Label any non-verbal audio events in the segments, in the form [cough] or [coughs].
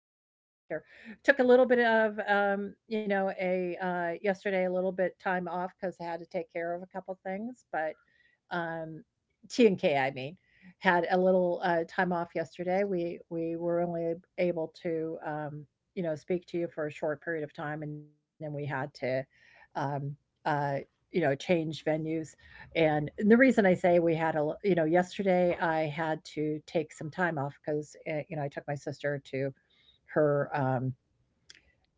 able to be back here. Took a little bit of, you know, a yesterday a little bit time off because I had to take care of a couple things. But um, T and K, I mean, had a little time off yesterday. We were only able to, you know, speak to you for a short period of time, and then we had to, um, uh, you know, change venues and the reason I say we had a, you know, yesterday I had to take some time off because, you know, I took my sister to her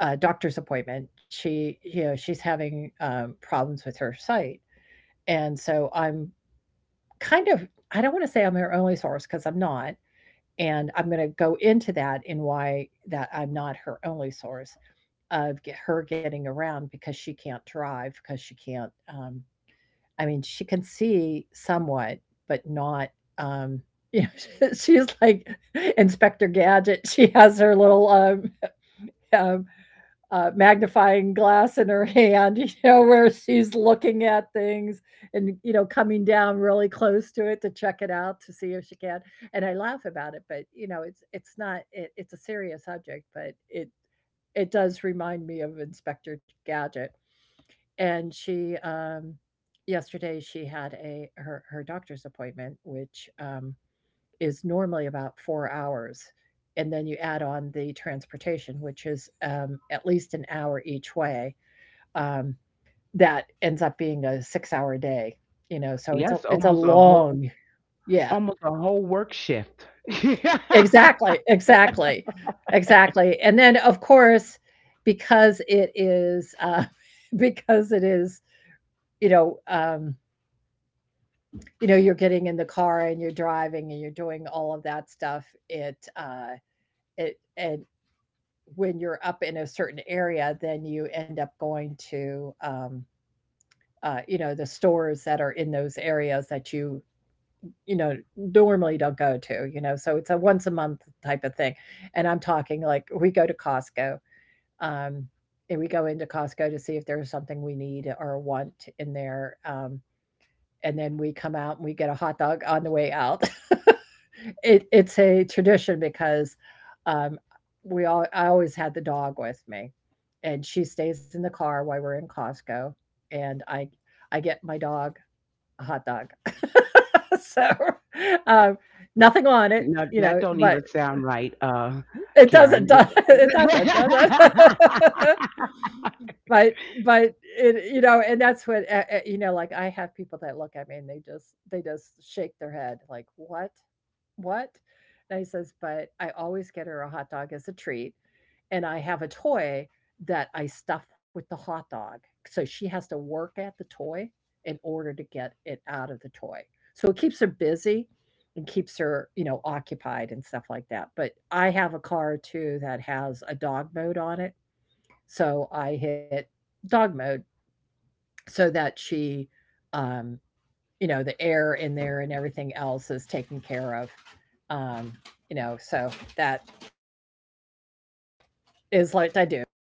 doctor's appointment. She, you know, she's having problems with her sight. And so I'm kind of, I don't want to say I'm her only source because I'm not. And I'm going to go into that in why that I'm not her only source of get her getting around because she can't drive because she can't I mean, she can see somewhat, but not, um, you know, [laughs] she's like Inspector Gadget. She has her little, [laughs] um, magnifying glass in her [laughs] hand, you know, where she's looking at things and, you know, coming down really close to it to check it out to see if she can. And I laugh about it, but, you know, it's not it, it's a serious subject, but it does remind me of Inspector Gadget. And she, yesterday she had a her doctor's appointment, which, is normally about 4 hours, and then you add on the transportation, which is, at least an hour each way. Um, that ends up being a six-hour day, you know, so it's a yes, it's a almost a whole, long. Yeah. almost a whole work shift. [laughs] No, Exactly, exactly, exactly, and then, of course, because it is, [laughs] because it is, you know, um you know, you're getting in the car and you're driving and you're doing all of that stuff, it, and when you're up in a certain area, then you end up going to, you know, the stores that are in those areas that you know, normally don't go to, you know, so it's a once a month type of thing. And I'm talking like we go to Costco, um, and we go into Costco to see if there's something we need or want in there. And then we come out and we get a hot dog on the way out. [laughs] It's a tradition because, um, we all I always had the dog with me, and she stays in the car while we're in Costco, and I get my dog a hot dog. [laughs] So, um, nothing on it, you that know, don't but even sound right, it doesn't, Karen. does [laughs] it doesn't, does it? [laughs] [laughs] But it you know, and that's what, you know, like, I have people that look at me and they just shake their head like, "What?" "What?" And he says, "But I always get her a hot dog as a treat, and I have a toy that I stuff with the hot dog, so she has to work at the toy in order to get it out of the toy." So it keeps her busy and keeps her, you know, occupied and stuff like that, but I have a car too that has a dog mode on it, so I hit dog mode so that she, um you know, the air in there and everything else is taken care of. Um, you know, so that is what I do.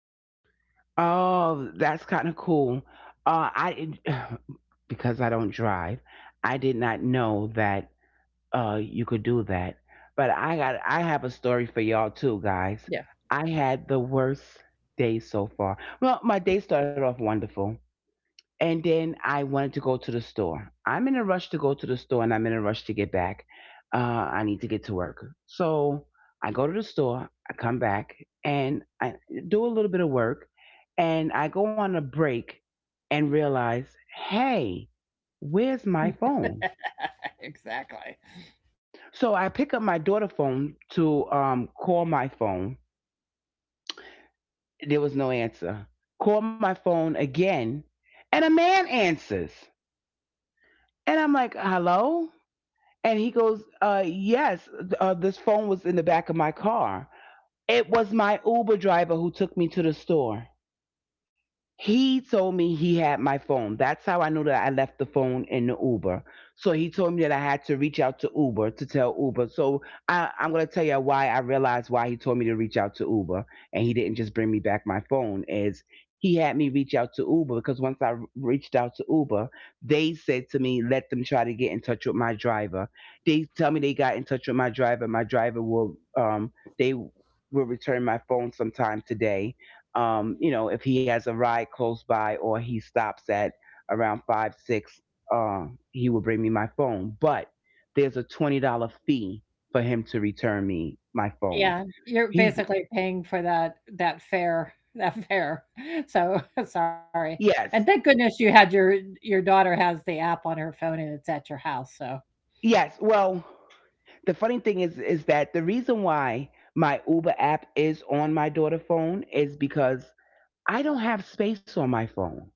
Oh, that's kind of cool. I [sighs] Because I don't drive, I did not know that you could do that. But I have a story for y'all too, guys. Yeah. I had the worst day so far. Well, my day started off wonderful, and then I wanted to go to the store. I'm in a rush to go to the store, and I'm in a rush to get back. I need to get to work, so I go to the store. I come back and I do a little bit of work and I go on a break and realize, hey, where's my phone? [laughs] Exactly. So I pick up my daughter's phone to call my phone. There was no answer. Call my phone again, and a man answers. And I'm like, hello? And he goes, yes, this phone was in the back of my car. It was my Uber driver who took me to the store. He told me he had my phone. That's how I knew that I left the phone in the Uber. So he told me that I had to reach out to Uber to tell Uber. So I'm going to tell you why I realized why he told me to reach out to Uber and he didn't just bring me back my phone is he had me reach out to Uber because once I reached out to Uber, they said to me, let them try to get in touch with my driver. They tell me they got in touch with my driver. My driver they will return my phone sometime today, you know, if he has a ride close by or he stops at around five, six, uh, he will bring me my phone. But there's a $20 fee for him to return me my phone. Yeah. You're He basically paying for that fare [laughs] that fare. So [laughs] sorry. yes, And thank goodness you had your daughter has the app on her phone and it's at your house. So yes. Well, the funny thing is that the reason why my Uber app is on my daughter's phone is because I don't have space on my phone.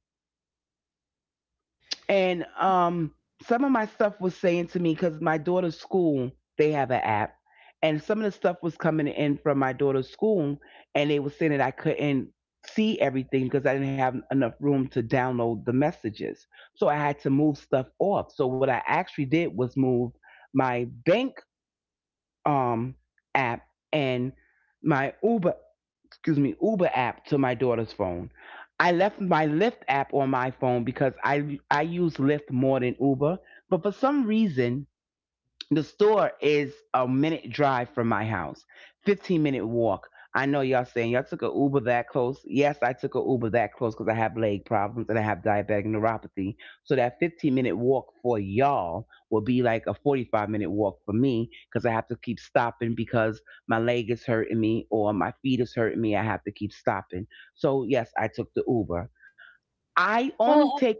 And some of my stuff was saying to me because my daughter's school, they have an app, and some of the stuff was coming in from my daughter's school, and they were saying that I couldn't see everything because I didn't have enough room to download the messages, so I had to move stuff off. So what I actually did was move my bank um app and my Uber app to my daughter's phone. I left my Lyft app on my phone because I use Lyft more than Uber, but for some reason the store is a minute drive from my house, 15-minute walk. I know y'all saying y'all took a Uber that close. Yes, I took a Uber that close because I have leg problems and I have diabetic neuropathy. So that 15-minute walk for y'all will be like a 45-minute walk for me because I have to keep stopping because my leg is hurting me or my feet is hurting me. I have to keep stopping. So yes, I took the Uber. I well, only take,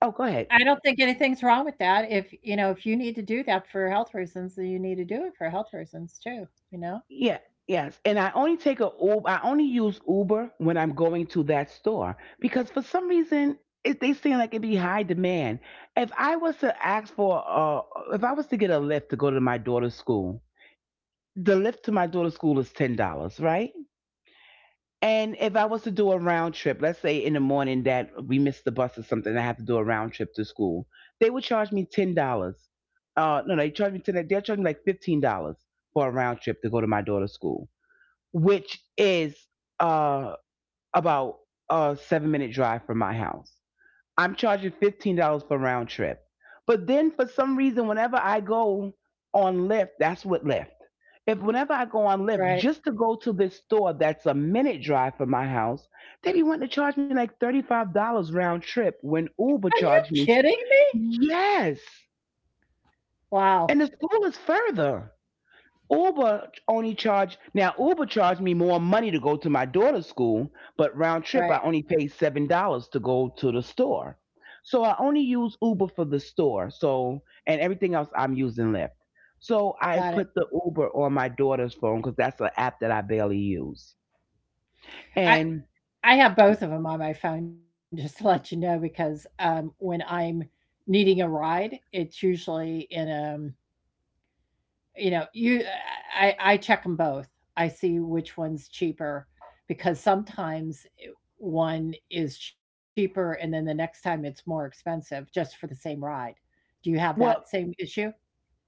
oh, go I ahead. don't think anything's wrong with that. If, you know, if you need to do that for health reasons, then you need to do it for health reasons too, you know? Yeah, yes. And I only take a Uber. I only use Uber when I'm going to that store because for some reason they seem like it'd be high demand. If I was to ask for, if I was to get a lift to go to my daughter's school, the lift to my daughter's school is $10, right? And if I was to do a round trip, let's say in the morning that we missed the bus or something, I have to do a round trip to school, they would charge me $10. No, they charge me 10. They'll charge me like $15 for a round trip to go to my daughter's school which is uh, about a 7 minute drive from my house. I'm charging $15 for round trip. But then for some reason, whenever I go on Lyft, that's what Lyft. If whenever I go on Lyft, Right. just to go to this store that's a minute drive from my house, they be wanting to charge me like $35 round trip when Uber Are you charged me. kidding me? Yes. Wow. And the school is further. Uber only charged now Uber charged me more money to go to my daughter's school, but round trip I Right. only paid $7 to go to the store. So I only use Uber for the store. So and everything else I'm using Lyft. So I Got it. put the Uber on my daughter's phone because that's an app that I barely use. I And I have both of them on my phone [laughs] just to let you know because when I'm needing a ride, it's usually in a you know you I check them both. I see which one's cheaper because sometimes one is cheaper and then the next time it's more expensive just for the same ride. Do you have that well. same issue?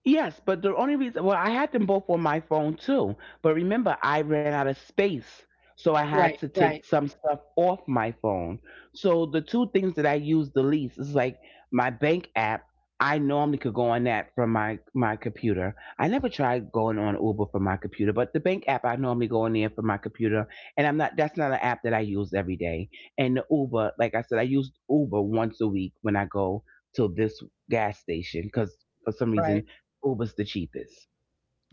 Yes, but the only reason, well, I had them both on my phone too. But remember, I ran out of space. So I had Right, to take right. some stuff off my phone. So the two things that I use the least is like my bank app. I normally could go on that from my computer. I never tried going on Uber from my computer, but the bank app I normally go on there from my computer. And I'm not, that's not an app that I use every day. And the Uber, like I said, I use Uber once a week when I go to this gas station because for some Right, reason Uber's the cheapest.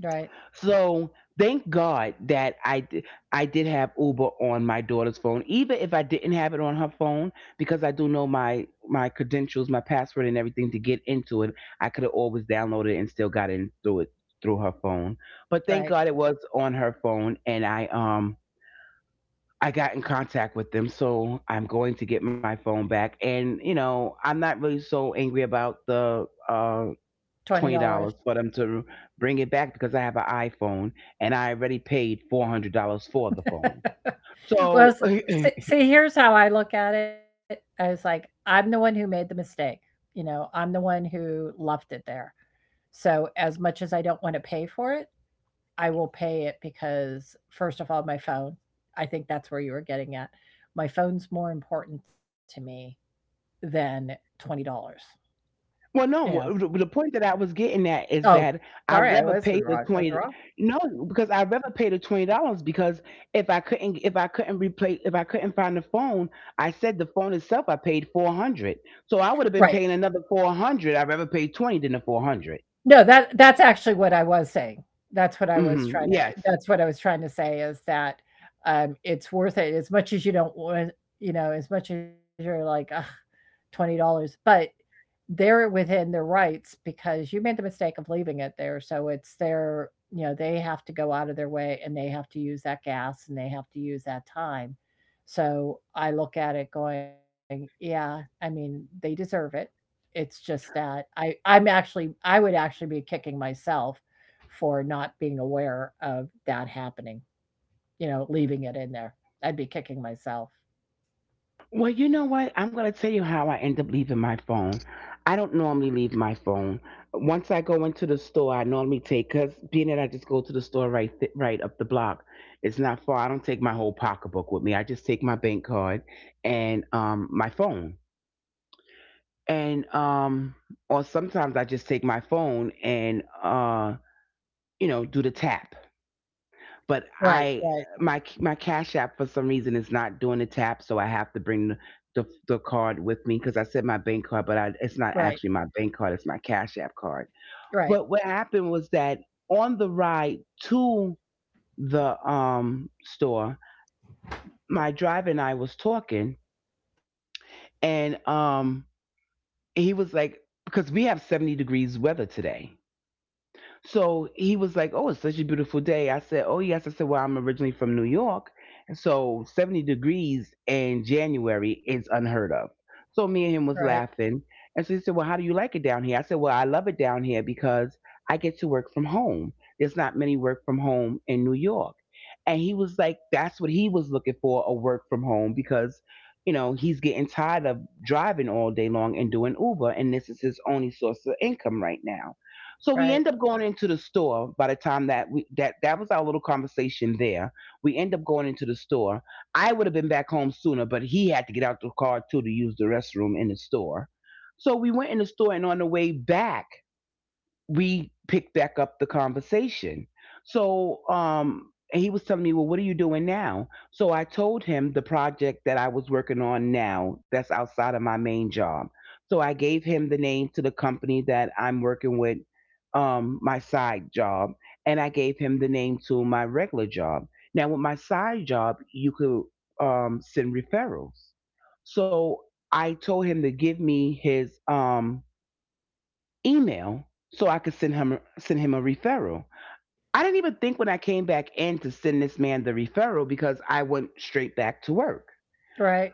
right, So thank God that I did have Uber on my daughter's phone, even if I didn't have it on her phone, because I do know my credentials, my password, and everything to get into it. I could have always downloaded it and still got in through it through her phone. But thank right. God it was on her phone, and I got in contact with them, so I'm going to get my phone back. And you know, I'm not really so angry about the Twenty twenty dollars. dollars for them to bring it back because I have an iPhone and I already paid $400 for the phone. [laughs] Well, So, [laughs] [clears throat] see, here's how I look at it. I was like, I'm the one who made the mistake. You know, I'm the one who left it there. So as much as I don't want to pay for it, I will pay it because, first of all, my phone, I think that's where you were getting at. My phone's more important to me than $20, well, you no, know? the point that I was getting at is Oh, that I sorry, I rather pay wasn't the wrong. I was 20. wrong. No, because I rather pay the $20 because if I couldn't find the phone, I said the phone itself I paid 400. So I Right. would have been paying another 400. I rather pay 20 than the 400. No, that that's actually what I was saying. That's what I was Mm-hmm. trying to Yes. that's what I was trying to say is that it's worth it as much as you don't want, you know, as much as you're like, ugh, $20, but they're within their rights because you made the mistake of leaving it there, so it's their you know, they have to go out of their way, and they have to use that gas, and they have to use that time. So, I look at it going, "Yeah, I mean, they deserve it." It's just that I I'm actually I would actually be kicking myself for not being aware of that happening, you know, leaving it in there. I'd be kicking myself. Well, you know what? I'm going to tell you how I end up leaving my phone. I don't normally leave my phone. Once I go into the store, I normally take because being that I just go to the store right right up the block, it's not far. I don't take my whole pocketbook with me. I just take my bank card and my phone, and or sometimes I just take my phone and you know do the tap, but Right, I right, my my Cash App for some reason is not doing the tap, so I have to bring the the card with me because I said my bank card, but it's not right, actually my bank card; it's my Cash App card. right, But what happened was that on the ride to the store, my driver and I was talking, and he was like, because we have 70 degrees weather today. So he was like, "Oh, it's such a beautiful day." I said, "Oh yes." I said, "Well, I'm originally from New York, and so 70 degrees in January is unheard of." So me and him was right, laughing, and so he said, "Well, how do you like it down here?" I said, "Well, I love it down here because I get to work from home. There's not many work from home in New York." And he was like, "That's what he was looking for—a work from home because." You know, he's getting tired of driving all day long and doing Uber, and this is his only source of income right now. So we right, end up going into the store by the time that we that that was our little conversation there. We end up going into the store. I would have been back home sooner, but he had to get out the car too to use the restroom in the store. So we went in the store and on the way back we picked back up the conversation. So he was telling me, well, what are you doing now? So I told him the project that I was working on now that's outside of my main job. So I gave him the name to the company that I'm working with, my side job, and I gave him the name to my regular job. Now, with my side job, you could send referrals. So I told him to give me his. Email so I could send him a referral. I didn't even think when I came back in to send this man the referral because I went straight back to work. right.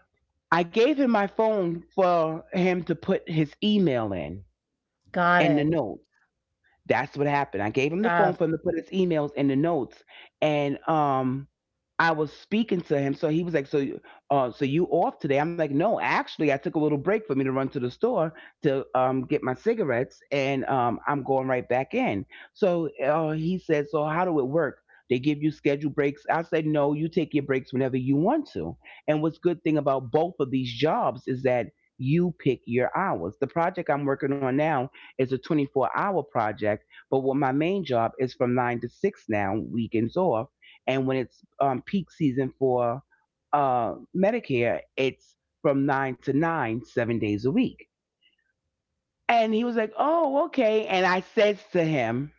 I gave him my phone for him to put his email in Got it. and the note. That's what happened. I gave him the phone Stuff, for him to put his emails in the notes, and I was speaking to him, so he was like, "So, so you off today?" I'm like, "No, actually, I took a little break for me to run to the store to get my cigarettes, and I'm going right back in." So he said, "So how do it work?" They give you scheduled breaks. I said, no, you take your breaks whenever you want to. And what's good thing about both of these jobs is that you pick your hours. The project I'm working on now is a 24-hour hour project. But what my main job is from 9 to 6 now, weekends off. And when it's peak season for Medicare, it's from 9 to 9, 7 days a week. And he was like, oh, okay. And I says to him,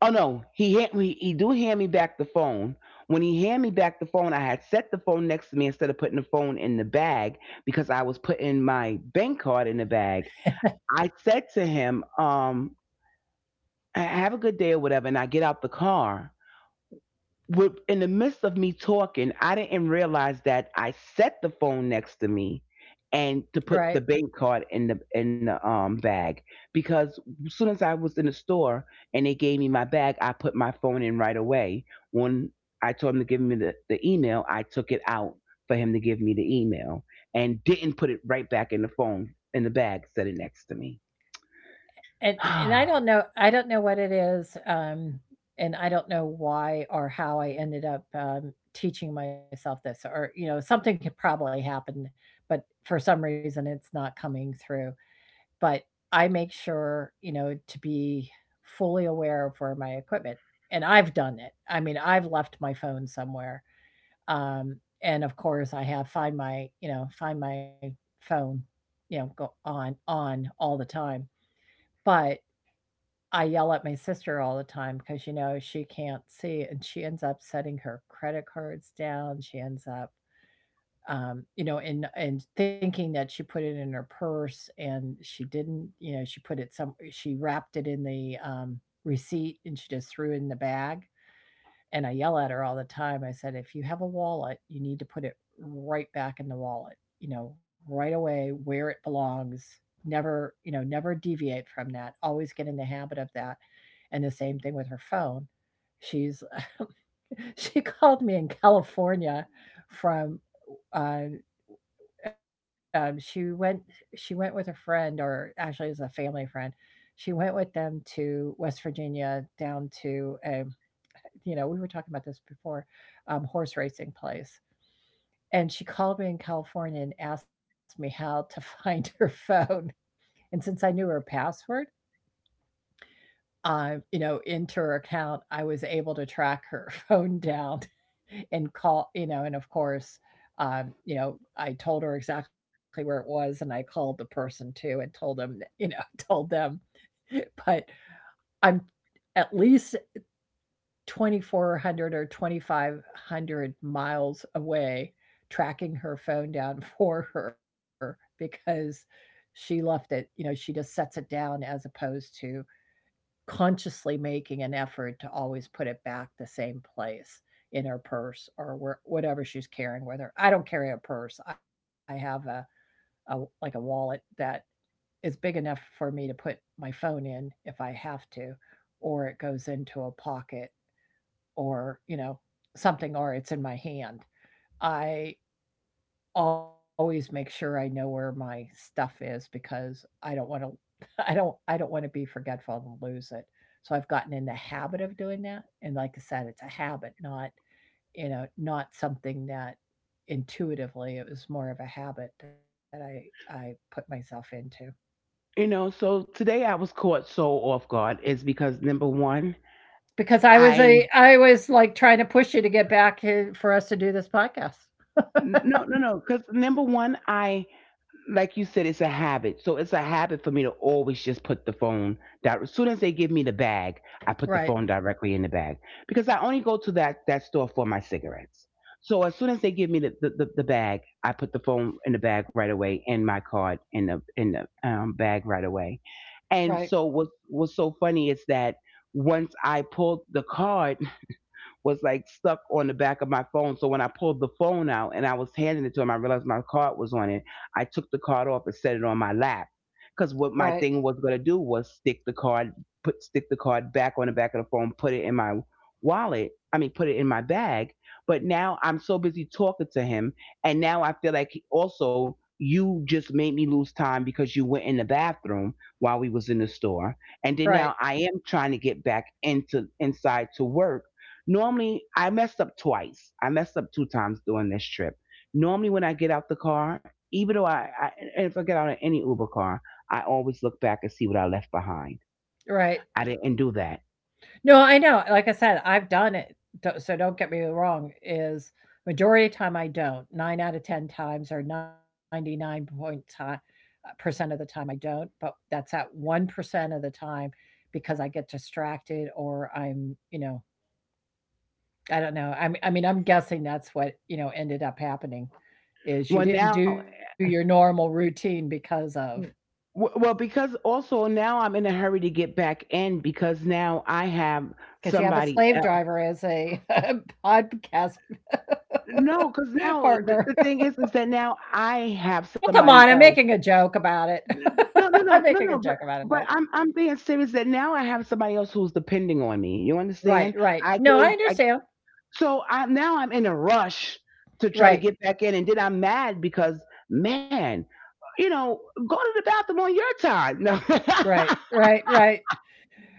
oh no, he do hand me back the phone. When he hand me back the phone, I had set the phone next to me instead of putting the phone in the bag because I was putting my bank card in the bag. I said to him, have a good day or whatever, and I get out the car. In the midst of me talking, I didn't realize that I set the phone next to me right? and to put the bank card in the bag because as soon as I was in the store and they gave me my bag, I put my phone in right away. When I told him to give me the email, I took it out for him to give me the email and didn't put it right back in the phone in the bag, set it next to me. And [sighs] I don't know what it is, and I don't know why or how I ended up, teaching myself this or, you know, something could probably happen, but for some reason it's not coming through. But I make sure, you know, to be fully aware of where my equipment and I've done it. I mean, I've left my phone somewhere, um, and of course I have find my, you know, find my phone, you know, go on all the time. But I yell at my sister all the time because, you know, she can't see and she ends up setting her credit cards down. She ends up, you know, and thinking that she put it in her purse and she didn't, you know, she put it some she wrapped it in the receipt and she just threw it in the bag and I yell at her all the time. I said, if you have a wallet, you need to put it right back in the wallet, you know, right away where it belongs. Never, you know, never deviate from that. Always get in the habit of that. And the same thing with her phone. She's, [laughs] she called me in California from, uh, um, she went, she went with a friend, or actually it was a family friend. She went with them to West Virginia down to a you know, we were talking about this before, horse racing place. And she called me in California and asked me how to [laughs] find her phone. And since I knew her password, you know, into her account, I was able to track her [laughs] phone down and call, you know, and of course, you know, I told her exactly where it was and I called the person too and told them, you know, [laughs] told them. But I'm at least 2,400 or 2,500 miles away tracking her phone down [laughs] for her because she left it. You know, she just sets it down as opposed to consciously making an effort to always put it back the same place in her purse or where, whatever she's carrying with her. I don't carry a purse. I have a like a wallet that is big enough for me to put my phone in if I have to, or it goes into a pocket or, you know, something or it's in my hand. I always make sure I know where my stuff is because I don't want to [laughs] I don't want to be forgetful and lose it. So I've gotten in the habit of doing that, and like I said, it's a habit, not, you know, not something that intuitively. It was more of a habit that I put myself into You know, so today I was caught so off guard is because number one, because I was I a I was like trying to push you to get back here for us to do this podcast. no, no, no, because number one, I, like you said, it's a habit. So it's a habit for me to always just put the phone down. As soon as they give me the bag, I put the Right. phone directly in the bag because I only go to that store for my cigarettes. So as soon as they give me the bag, I put the phone in the bag right away and my card in the bag right away. And Right. so what's so funny is that once I pulled the card was like stuck on the back of my phone. So when I pulled the phone out and I was handing it to him, I realized my card was on it. I took the card off and set it on my lap. Cause what my Right. thing was gonna do was stick the card, put stick the card back on the back of the phone, put it in my wallet. I mean, put it in my bag. But now I'm so busy talking to him, and now I feel like also you just made me lose time because you went in the bathroom while we was in the store, and then Right. now I am trying to get back into inside to work. Normally, I messed up twice. I messed up 2 times during this trip. Normally, when I get out the car, even though I and if I get out of any Uber car, I always look back and see what I left behind. Right. I didn't do that. No, I know. Like I said, I've done it, do so don't get me wrong, is majority of time I don't. 9 out of 10 times, or 99 point percent of the time I don't, but that's at 1% of the time because I get distracted or I don't know. I'm guessing that's what ended up happening Well, is you now, didn't do your normal routine because of w- well, because also now I'm in a hurry to get back in because now I have because you have a somebody slave else. driver as a [laughs] podcast No, because [laughs] now partner. the thing is that now I Well, come on, have I'm making a somebody else. joke about it. [laughs] I'm No, no, making a no, no, joke no. about But it, but I'm being serious that now I have somebody else who's depending on me. You right, understand? right. I No, I gave I, understand. so I now I'm in a rush to try to Right, get back in, and then I'm mad because man, you know, go to the bathroom on your time. No. right, [laughs] right, right.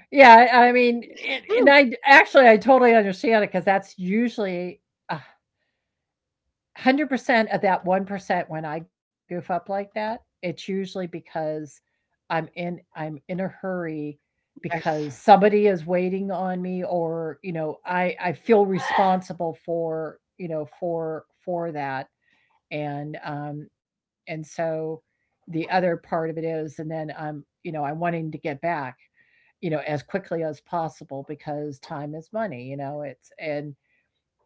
Yeah, I mean, and You- I totally understand it because that's usually 100% of that 1% when I goof up like that. It's usually because I'm in a hurry yes. because somebody is waiting on me, or you know, I feel responsible for you know, for that. And and so the other part of it is, and then I'm wanting to get back, you know, as quickly as possible because time is money, you know,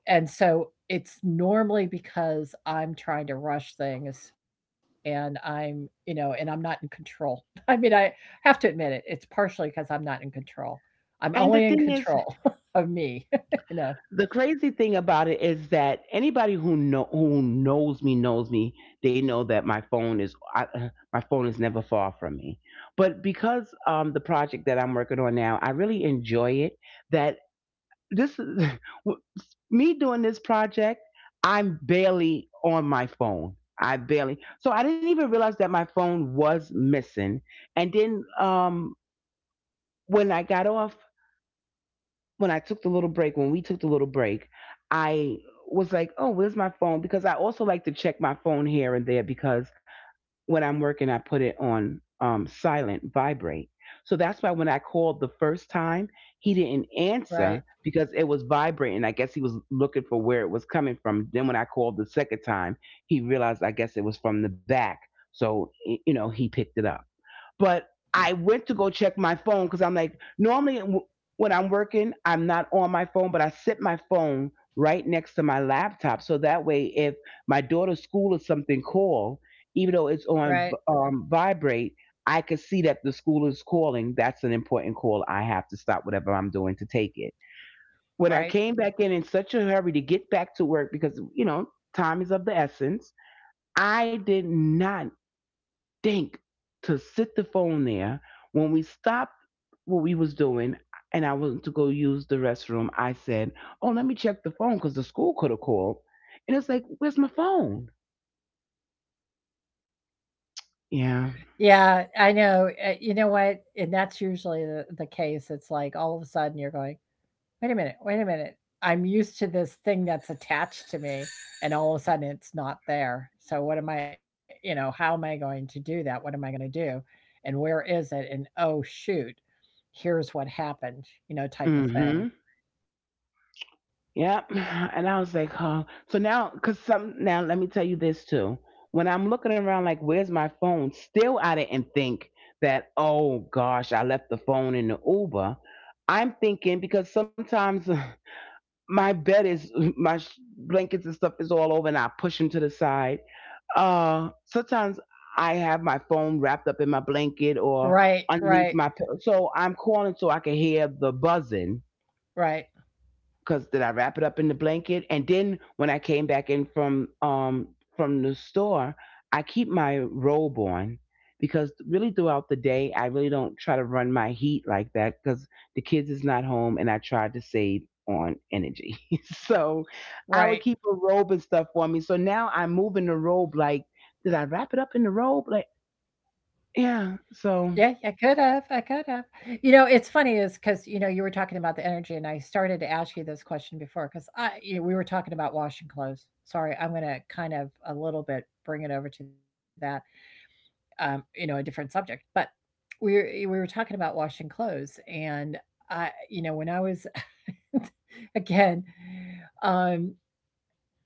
and so it's normally because I'm trying to rush things and and I'm not in control. [laughs] I mean, I have to admit it, it's partially because I'm not in control. I'm And the only in thing is, control [laughs] of me, [laughs] you know, the crazy thing about it is that anybody who knows me knows me. They know that my phone is [laughs] my phone is never far from me. But because the project that I'm working on now, I really enjoy it. That this [laughs] me doing this project, I'm barely on my phone. I barely so I didn't even realize that my phone was missing. And then when I got off, when I took the little break, when we took the little break, I was like, oh, where's my phone? Because I also like to check my phone here and there because when I'm working, I put it on silent vibrate. So that's why when I called the first time, he didn't answer right, because it was vibrating. I guess he was looking for where it was coming from. Then when I called the second time, he realized, I guess, it was from the back. So, you know, he picked it up. But I went to go check my phone because I'm like, normally when I'm working, I'm not on my phone, but I sit my phone right next to my laptop. So that way, if my daughter's school or something call, even though it's right, on vibrate, I could see that the school is calling. That's an important call. I have to stop whatever I'm doing to take it. When I right. came back in such a hurry to get back to work because, you know, time is of the essence, I did not think to sit the phone there when we stopped what we was doing and I went to go use the restroom. I said, oh, let me check the phone because the school could have called, and it's like, where's my phone? Yeah. Yeah, I know, you know what? And that's usually the case. It's like all of a sudden you're going, wait a minute, I'm used to this thing that's attached to me, and all of a sudden it's not there, so what am I, you know, how am I going to do that? What am I gonna do? And where is it? And oh shoot, here's what happened," you know, type of Mm-hmm. thing. Yep. And I was like, huh? So now because some now let me tell you this too. When I'm looking around like, where's my phone, still I didn't think that, oh gosh, I left the phone in the Uber. I'm thinking, because sometimes [laughs] my bed is blankets and stuff is all over and I push them to the side. Sometimes I have my phone wrapped up in my blanket or Right, underneath my right, pillow, so I'm calling so I can hear the buzzing right, because did I wrap it up in the blanket? And then when I came back in from the store, I keep my robe on because really throughout the day I really don't try to run my heat like that because the kids is not home and I tried to save on energy. [laughs] So I would keep right. a robe and stuff for me. So now I'm moving the robe like, did I wrap it up in the robe? Like, yeah. So Yeah, I could have. I could have. You know, it's funny is because, you know, you were talking about the energy, and I started to ask you this question before because we were talking about washing clothes. Sorry, I'm going to kind of a little bit bring it over to that, you know, a different subject. But we were talking about washing clothes. And I, you know, when I was, [laughs] again, um,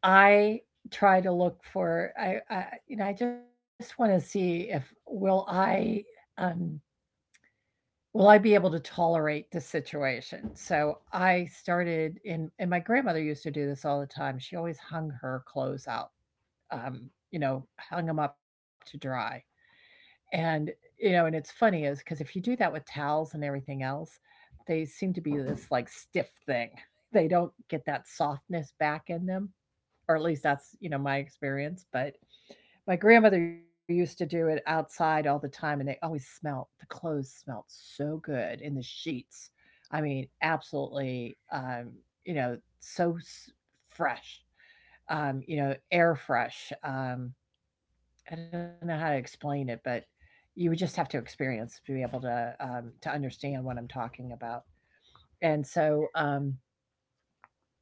I try to look for, you know, I just want to see if will I, um, will I be able to tolerate this situation? So I started in, and my grandmother used to do this all the time. She always hung her clothes out, um, you know, hung them up to dry. And, you know, and it's funny is because if you do that with towels and everything else, they seem to be this, like, stiff thing. They don't get that softness back in them, or at least that's, you know, my experience. But my grandmother used to do it outside all the time, and they always smelt. The clothes smelt so good, in the sheets, I mean, absolutely you know, so fresh, you know, air fresh. I don't know how to explain it, but you would just have to experience to be able to understand what I'm talking about. And so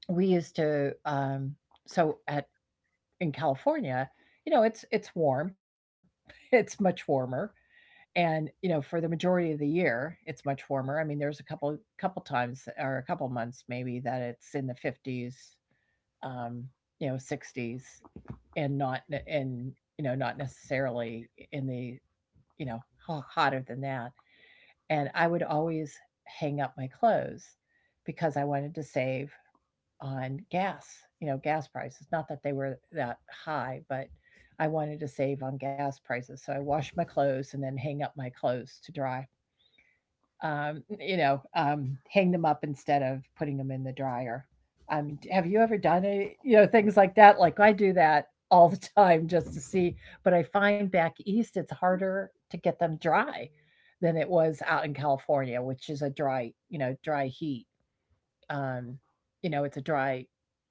we used to so at in California, you know, it's warm. [laughs] It's much warmer. And, you know, for the majority of the year, it's much warmer. I mean, there's a couple times, or a couple months maybe that it's in the 50s, um, you know, 60s, and not, and you know, not necessarily in the, you know, hotter than that. And I would always hang up my clothes because I wanted to save on gas, you know, gas prices. Not that they were that high, but I wanted to save on gas prices. So I wash my clothes and then hang up my clothes to dry. You know, hang them up instead of putting them in the dryer. Have you ever done it? You know, things like that? Like, I do that all the time just to see, but I find back east it's harder to get them dry than it was out in California, which is a dry, you know, dry heat, um, you know, it's a dry,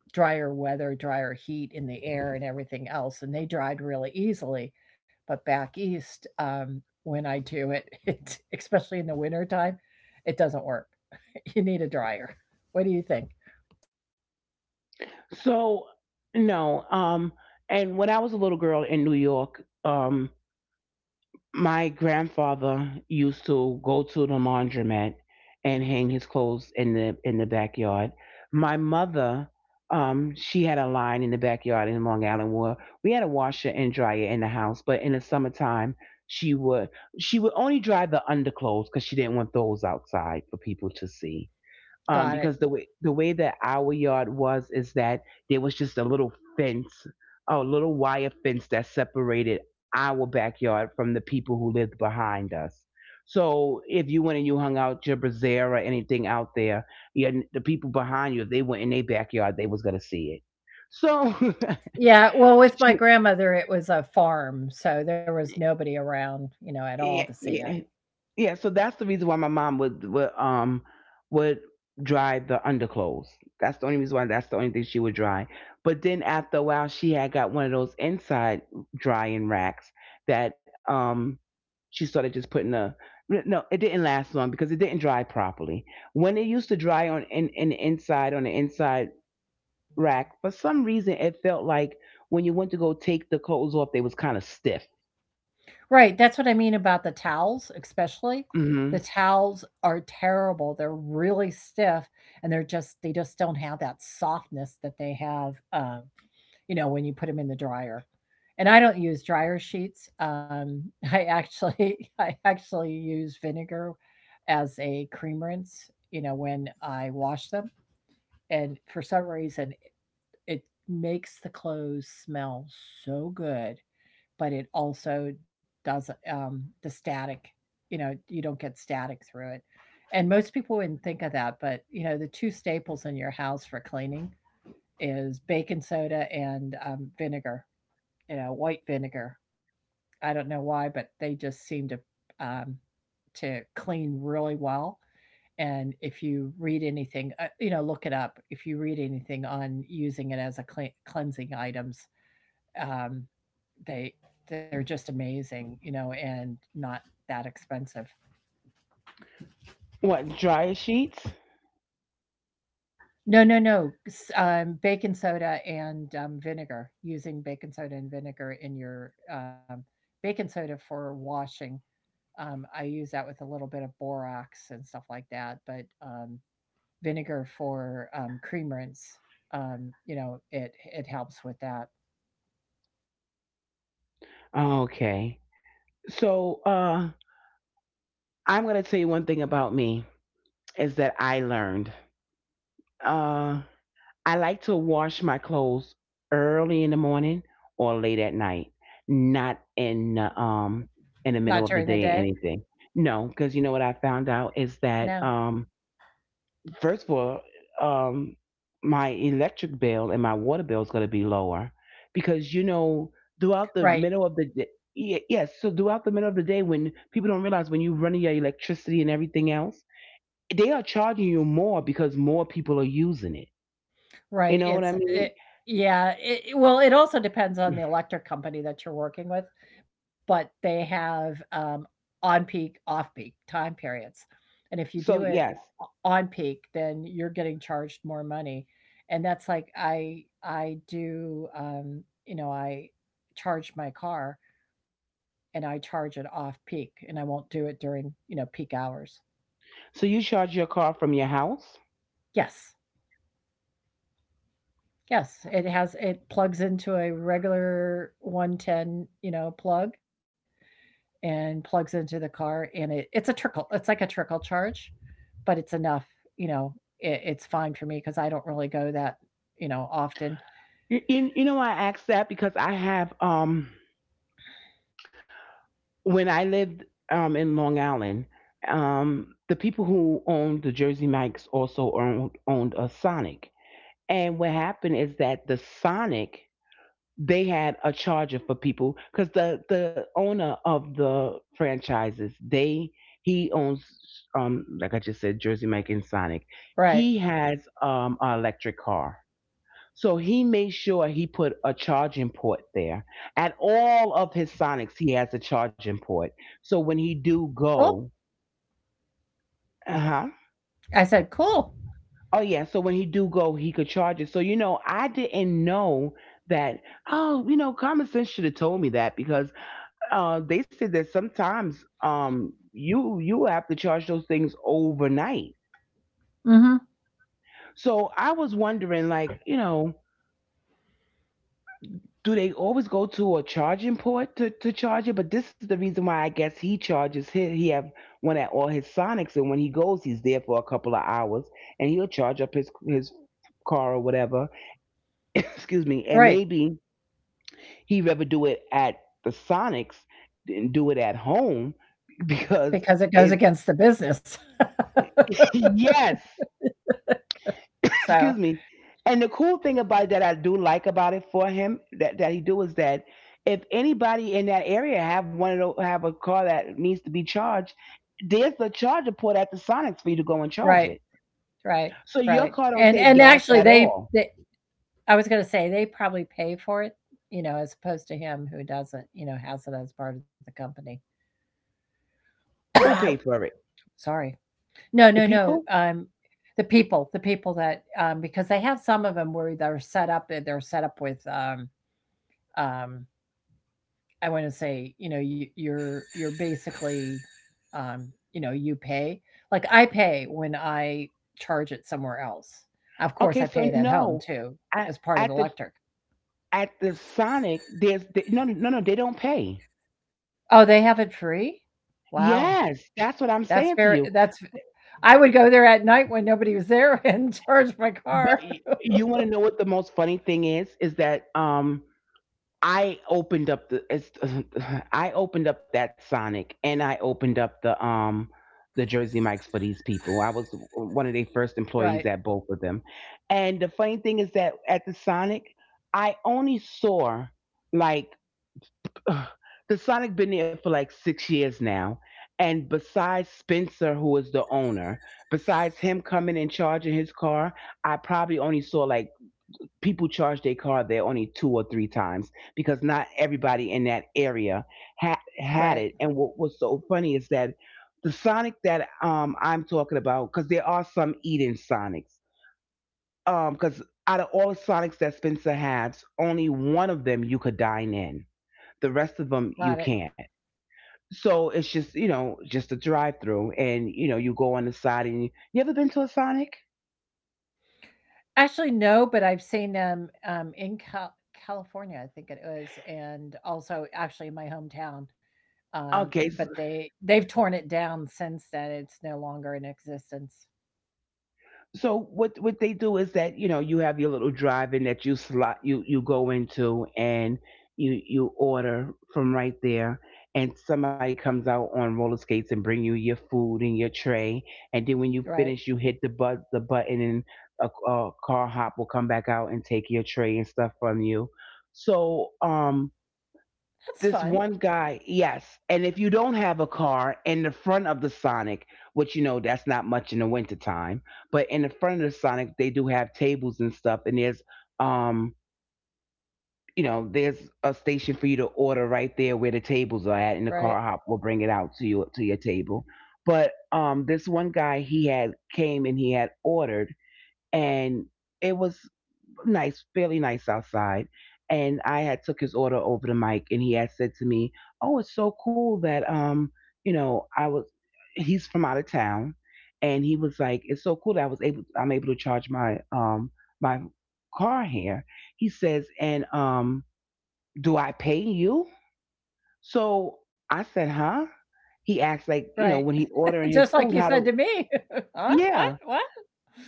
drier weather, drier heat in the air and everything else, and they dried really easily. But back east, when I do it, [laughs] it, especially in the wintertime, it doesn't work. [laughs] You need a dryer. What do you think? so no, and when I was a little girl in New York, my grandfather used to go to the laundromat and hang his clothes in the backyard. My mother, she had a line in the backyard in Long Island where we had a washer and dryer in the house, but in the summertime she would she would only dry the underclothes because she didn't want those outside for people to see, Got it. because the way that our yard was is that there was just a little fence, a little wire fence that separated our backyard from the people who lived behind us. So if you went and you hung out your brazier or anything out there, yeah, the people behind you, if they went in their backyard, they was gonna see it. So Yeah, well, with my [laughs] she, grandmother, it was a farm, so there was nobody around, you know, at yeah, all to see it. yeah, yeah, so that's the reason why my mom would dry the underclothes. That's the only reason why, that's the only thing she would dry. But then after a while she had got one of those inside drying racks that she started just putting a no, no, it didn't last long because it didn't dry properly. When it used to dry in the inside rack, for some reason it felt like when you went to go take the clothes off, they was kind of stiff. Right, that's what I mean about the towels, especially. The Hmm. towels are terrible. They're really stiff, and they just don't have that softness that they have, you know, when you put them in the dryer. And I don't use dryer sheets. I actually [laughs] I actually use vinegar as a cream rinse, you know, when I wash them. And for some reason, it makes the clothes smell so good, but it also does the static. You know, you don't get static through it. And most people wouldn't think of that, but you know, the two staples in your house for cleaning is baking soda and vinegar. You know, white vinegar. I don't know why, but they just seem um, to clean really well. And if you read anything, you know, look it up. If you read anything on using it as a cleansing items, um, they they're just amazing, you know, and not that expensive. What dryer sheets? No, no, no. Baking soda and vinegar. Using baking soda and vinegar in your baking soda for washing. I use that with a little bit of borax and stuff like that, but vinegar for cream rinse. You know, it helps with that. Okay. So uh, I'm going to tell you one thing about me is that I learned. Uh, I like to wash my clothes early in the morning or late at night, not in in the middle Not of the during the day or day. anything. No, because you know what I found out is that No. First of all, um, my electric bill and my water bill is going to be lower because you know throughout the Right. middle of the day, yes, so throughout the middle of the day when people don't realize when you're running your electricity and everything else, they are charging you more because more people are using it. You Right, know what I it's mean? it yeah, it well, it also depends on the electric company that you're working with, but they have, on peak, off peak time periods, and if you do So it yes, o on peak, then you're getting charged more money, and that's like I do, you know, I charge my car, and I charge it off peak, and I won't do it during, you know, peak hours. so you charge your car from your house. Yes. Yes, it has it plugs into a regular 110, you know, plug and plugs into the car, and it it's a trickle. It's like a trickle charge, but it's enough, you know, it, it's fine for me because I don't really go that, you know, often. You know I asked that because I have when I lived in Long Island, the people who owned the Jersey Mike's also owned a Sonic. And what happened is that the Sonic they had a charger for people because the owner of the franchises they he owns like I just said Jersey Mike and Sonic. He Right. has an electric car, so he made sure he put a charging port there. At all of his Sonics, he has a charging port. So when he do Cool. go, uh huh. I said, cool. Oh yeah, so when he do go, he could charge it. So you know, I didn't know that. Oh, you know, common sense should have told me that because they said that sometimes you have to charge those things overnight. Hmm. So I was wondering, like, you know, do they always go to a charging port to charge it? But this is the reason why I guess he charges his he have one at all his Sonics, and when he goes, he's there for a couple of hours, and he'll charge up his car or whatever. [laughs] Excuse me, and Right. maybe he would rather do it at the Sonics than do it at home because Because it it goes against the business. [laughs] [laughs] yes [laughs] So, excuse me. And the cool thing about it that I do like about it for him that he do is that if anybody in that area have one of those, have a car that needs to be charged, there's the charger port at the Sonics for you to go and charge right, it. right, So your right. car don't take And gas actually at all. they I was gonna say they probably pay for it, you know, as opposed to him who doesn't, you know, has it as part of the company. Who [clears throat] pay for it? [coughs] Sorry. No, The no, no. people? The people that, because they have some of them where they're set up, they're set up with, um, I want to say, you know, you're basically, um, you know, you pay. Like, I pay when I charge it somewhere else. Of Okay, course, I so pay it at no, home too at, as at part of the the electric. at the Sonic, no no no no, they don't pay. Oh, they have it free. Wow. Yes, that's what I'm saying to That's you. fair. That's I would go there at night when nobody was there [laughs] and charge my But car. [laughs] you want to know what the most funny thing is? Is that I opened up the [laughs] I opened up that Sonic and I opened up the Jersey Mike's for these people. I was one of their first employees at Right. both of them. And the funny thing is that at the Sonic, I only saw like [sighs] the Sonic been there for like 6 years now. And besides Spencer, who is the owner, besides him coming and charging his car, I probably only saw like people charge their car there only two or three times because not everybody in that area had Right. it. And what was so funny is that the Sonic that I'm talking about, because there are some eat-in Sonics, because out of all the Sonics that Spencer has, only one of them you could dine in. The rest of them you Got it. can't. So it's just, you know, just a drive-through, and you know you go on the side and you ever been to a Sonic? Actually, no, but I've seen them in California, I think it was, and also actually in my hometown. Um, Okay, s- but they they've torn it down since then. It's no longer in existence. So what they do is that you know you have your little drive-in that you slot you you go into and you order from right there and somebody comes out on roller skates and bring you your food and your tray, and then when you Right. finish you hit the but the button and a car hop will come back out and take your tray and stuff from you. So That's this one fun. guy, yes. And if you don't have a car in the front of the Sonic, which you know that's not much in the wintertime, but in the front of the Sonic they do have tables and stuff and there's um you know, there's a station for you to order right there where the tables are at and the Right. car hop will bring it out to you to your table. But this one guy he had came and he had ordered and it was nice, fairly nice outside. And I had took his order over to Mike, and he had said to me, "Oh, it's so cool that you know, I was he's from out of town, and he was like, it's so cool that I was able, I'm able to charge my my car here." He says, "And do I pay you?" So I said, "Huh?" He asked like, you know, Right. when he ordering [laughs] his Just like food, you how said do? to me. [laughs] Huh? What? Yeah, What?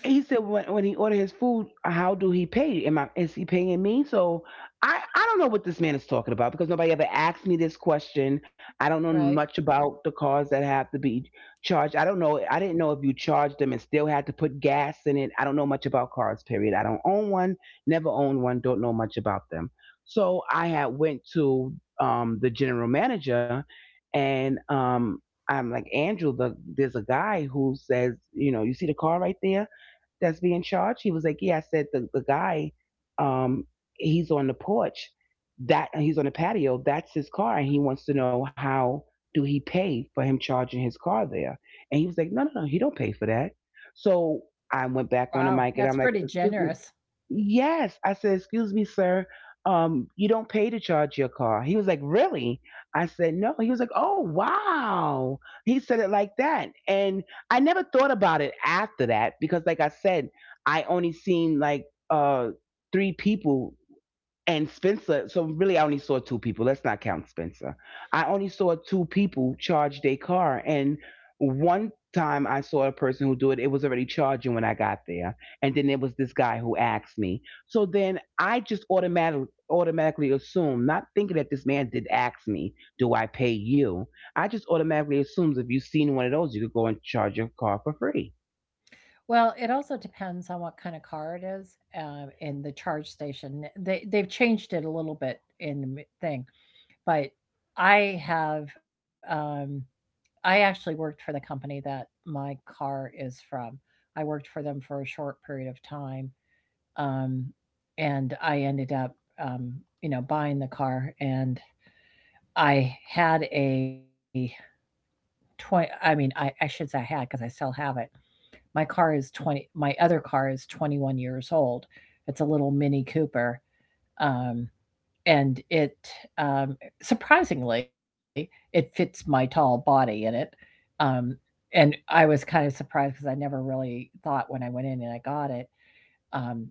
he said when he ordered his food, how do he pay? Am I is he paying me? So I don't know what this man is talking about because nobody ever asked me this question. I don't know Right. much about the cars that have to be charged. I don't know. I didn't know if you charged them and still had to put gas in it. I don't know much about cars. Period. I don't own one. Never owned one. Don't know much about them. So I had went to the general manager and I'm like, Andrew. There's a guy who says you know you see the car right there that's being charged? He was like, yeah. I said, the guy, um, he's on the porch. That he's on the patio. That's his car, and he wants to know how do he pay for him charging his car there? And he was like, no, no, no, he don't pay for that. So I went back on the mic, and I'm Wow. like, That's excuse pretty me. generous. Yes. I said, excuse me, sir. You don't pay to charge your car. He was like, really? I said, no. He was like, oh, wow. He said it like that. And I never thought about it after that because, like I said, I only seen like three people and Spencer, so really I only saw two people. Let's not count Spencer. I only saw two people charge their car, and one time I saw a person who do it, it was already charging when I got there. And then there was this guy who asked me. So then I just automatically assume, not thinking that this man did ask me, do I pay you? I just automatically assumes if you've seen one of those, you could go and charge your car for free. Well, it also depends on what kind of car it is, and the charge station. They they've changed it a little bit in the thing, but I have I actually worked for the company that my car is from. I worked for them for a short period of time, um, and I ended up um, you know, buying the car, and I had a 20. I mean, I should say I had because I still have it. My car is 20 my other car is 21 years old. It's a little Mini Cooper, um, and it, um surprisingly, it fits my tall body in it. Um, and I was kind of surprised because I never really thought when I went in and I got it,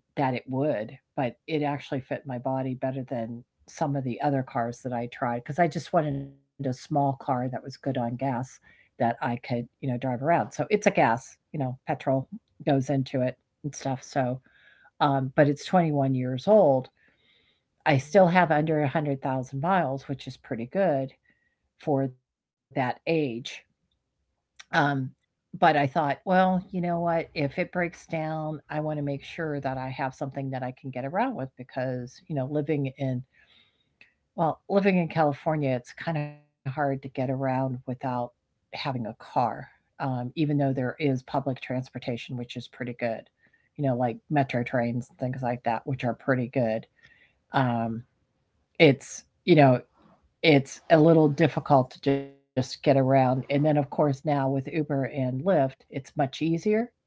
that it would, but it actually fit my body better than some of the other cars that I tried because I just wanted a small car that was good on gas that I could, you know, drive around. So it's a gas, you know, petrol goes into it and stuff. So, but it's 21 years old. I still have under 100,000 miles, which is pretty good for that age. Um, but I thought, well, you know what? If it breaks down, I want to make sure that I have something that I can get around with because, you know, well, living in California, it's kind of hard to get around without having a car, even though there is public transportation, which is pretty good, you know, like metro trains, things like that, which are pretty good. Um, it's, you know, it's a little difficult to just get around. And then of course now with Uber and Lyft, it's much easier,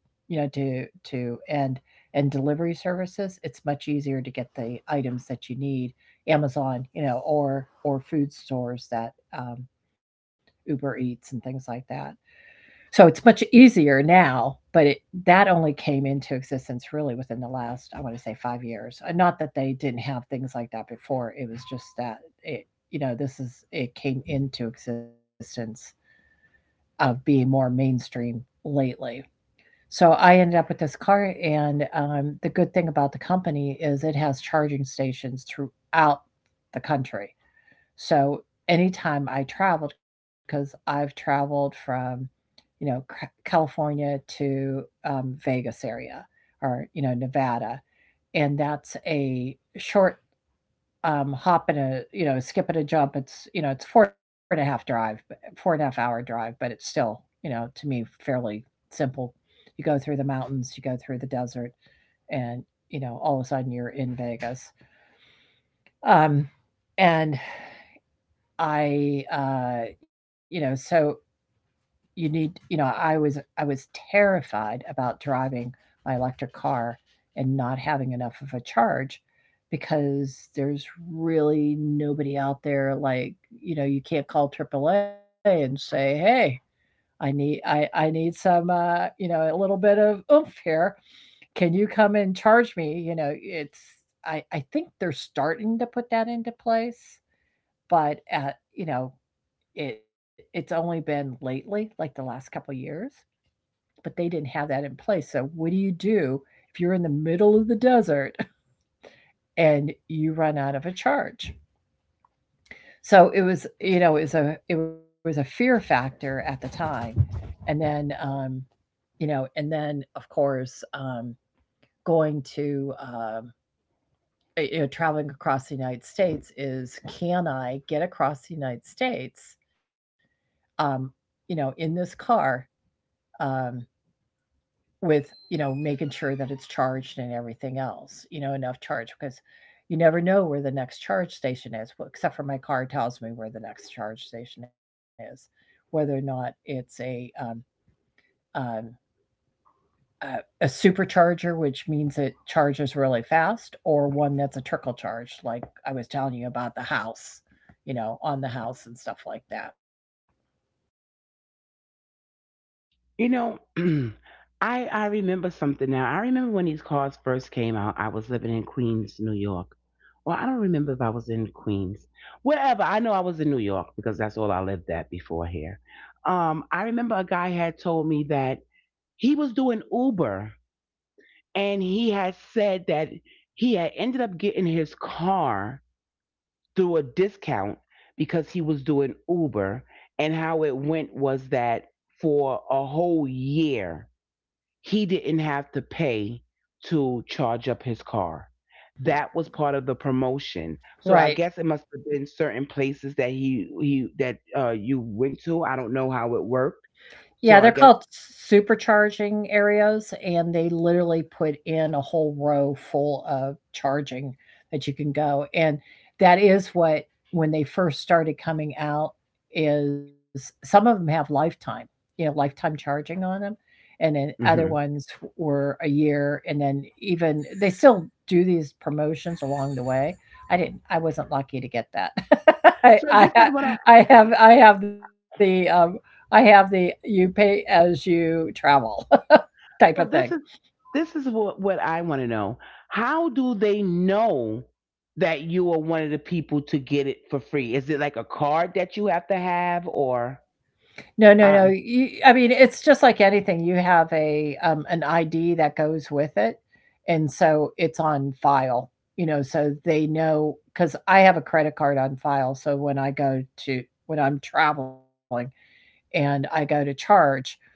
you know, to and delivery services, it's much easier to get the items that you need. Amazon, you know, or food stores that um, Uber Eats and things like that. So it's much easier now, but it that only came into existence really within the last, I wanna say 5 years. Not that they didn't have things like that before, it was just that it you know, this is it came into existence of being more mainstream lately. So I ended up with this car and, the good thing about the company is it has charging stations throughout the country. So anytime I traveled, because 'cause I've traveled from you know, California to, Vegas area or, you know, Nevada. And that's a short, hop and a, you know, skip and a jump. It's, you know, it's four and a half hour drive, but it's still, you know, to me, fairly simple. You go through the mountains, you go through the desert, and, you know, all of a sudden you're in Vegas. Um, and you know, so you need you know I was terrified about driving my electric car and not having enough of a charge because there's really nobody out there like you know you can't call AAA and say hey I need some you know a little bit of oomph here. Can you come and charge me, you know? It's I think they're starting to put that into place but at you know it it's only been lately like the last couple of years, but they didn't have that in place. So, what do you do if you're in the middle of the desert [laughs] and you run out of a charge? So it was, you know, it was a fear factor at the time, and then, you know, and then of course, going to you know, traveling across the United States is can I get across the United States, um, you know, in this car, um, with, you know, making sure that it's charged and everything else, you know, enough charge because you never know where the next charge station is, well, except for my car tells me where the next charge station is, whether or not it's um, a supercharger, which means it charges really fast, or one that's a trickle charge, like I was telling you about the house, you know, on the house and stuff like that. You know, [clears throat] I remember something now. I remember when these cars first came out. I was living in Queens, New York. Well, I don't remember if I was in Queens, wherever. I know I was in New York because that's all I lived at before here. I remember a guy had told me that he was doing Uber, and he had said that he had ended up getting his car through a discount because he was doing Uber, and how it went was that for a whole year he didn't have to pay to charge up his car. That was part of the promotion. So I Right. guess it must have been certain places that he that you went to. I don't know how it worked. Yeah, So I they're guess called supercharging areas, and they literally put in a whole row full of charging that you can go, and that is what when they first started coming out is some of them have lifetime, you know, lifetime charging on them, and then other mhm. ones were a year, and then even they still do these promotions along the way. I wasn't lucky to get that. [laughs] I So I this ha is what I I have the, I have the you pay as you travel [laughs] type of so thing. this is this is what I want to know. How do they know that you are one of the people to get it for free? Is it like a card that you have to have or No, no, no. uh You, I mean, it's just like anything. You have a an ID that goes with it, and so it's on file. You know, so they know because I have a credit card on file. So when I'm traveling and I go to charge,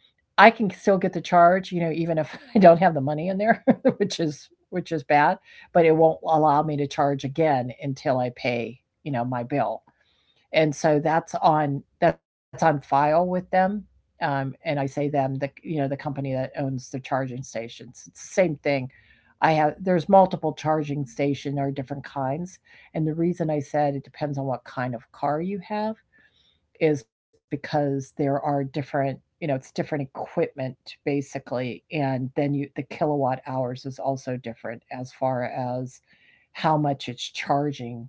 I can still get the charge. You know, even if [laughs] I don't have the money in there, [laughs] which is bad, but it won't allow me to charge again until I pay you know my bill and so that's on file with them. And I say them the you know the company that owns the charging stations. It's the same thing. I have there's multiple charging station or different kinds, and the reason I said it depends on what kind of car you have is because there are different you know it's different equipment basically, and then you the kilowatt hours is also different as far as how much it's charging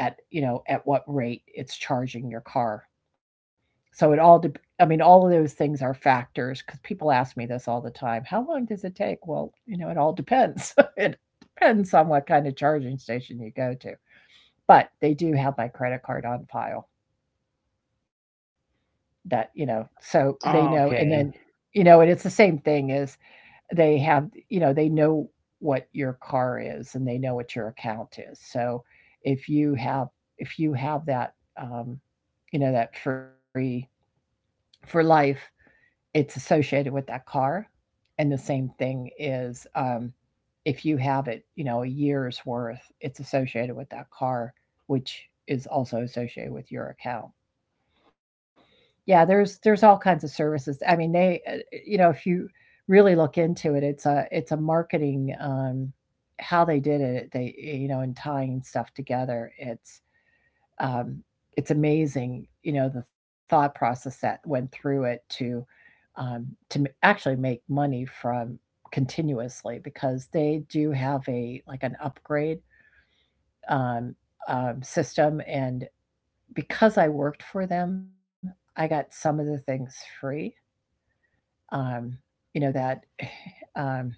at, you know, at what rate it's charging your car. So it all dep I mean, all of those things are factors because people ask me this all the time, "How long does it take?" Well, you know, it all depends. [laughs] It depends on what kind of charging station you go to, but they do have my credit card on file that, you know, so they know and then, okay. you know, and it's the same thing as they have you know, they know what your car is and they know what your account is. So if you have if you have that, um, you know, that free for life, it's associated with that car. And the same thing is if you have it, you know, a year's worth, it's associated with that car, which is also associated with your account. Yeah, there's all kinds of services. I mean, you know, if you really look into it, it's a marketing how they did it. You know, in tying stuff together, um, it's amazing. You know, the thought process that went through it to, um, to actually make money from continuously because they do have a like an upgrade, um, system and because I worked for them, I got some of the things free. Um, you know that [sighs] um,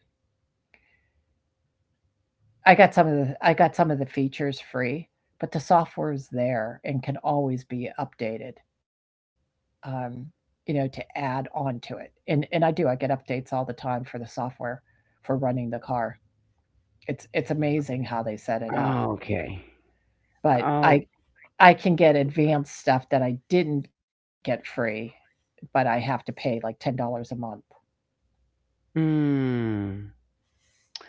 I got some of the features free, but the software is there and can always be updated. Um, you know to add on to it, and I get updates all the time for the software for running the car. It's amazing how they set it up, Oh, okay. but Oh, I can get advanced stuff that I didn't get free, but I have to pay like $10 a month. mm,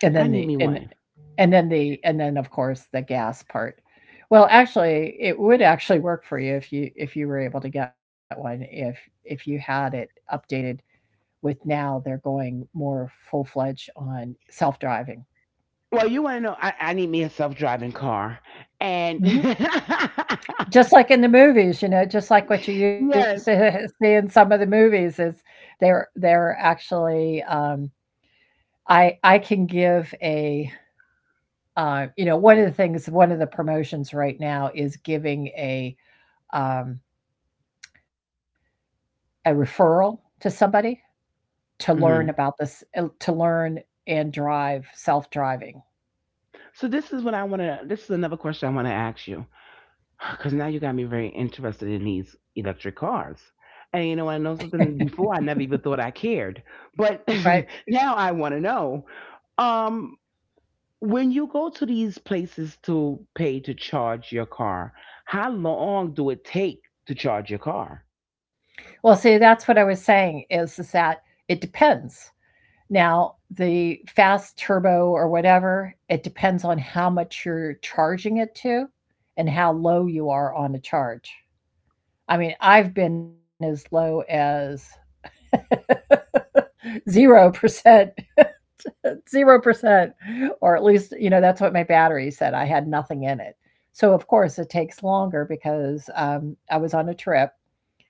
And I then need the me one. and then then, of course, the gas part. Well, actually, it would actually work for you if you were able to get one, if you had it updated with now they're going more full-fledged on self-driving. Well, you want to know? I need me a self-driving car, and [laughs] Mhm. yes. Just like in the movies, you know, just like what you used to [laughs] see in some of the movies is they're actually, I can give a, you know, one of the things one of the promotions right now is giving a, um, a referral to somebody to learn Hmm. about this, to learn and drive self driving, So this is what I want to. This is another question I want to ask you, because now you got me very interested in these electric cars. And you know, I know something. Before, I never even thought I cared, but right? [laughs] now I want to know. Um, when you go to these places to pay to charge your car, how long do it take to charge your car? Well, see, that's what I was saying is that it depends. Now, the fast turbo or whatever, it depends on how much you're charging it to and how low you are on a charge. I mean, I've been as low as [laughs] 0% 0%, or at least, you know, that's what my battery said. I had nothing in it. So, of course, it takes longer because I was on a trip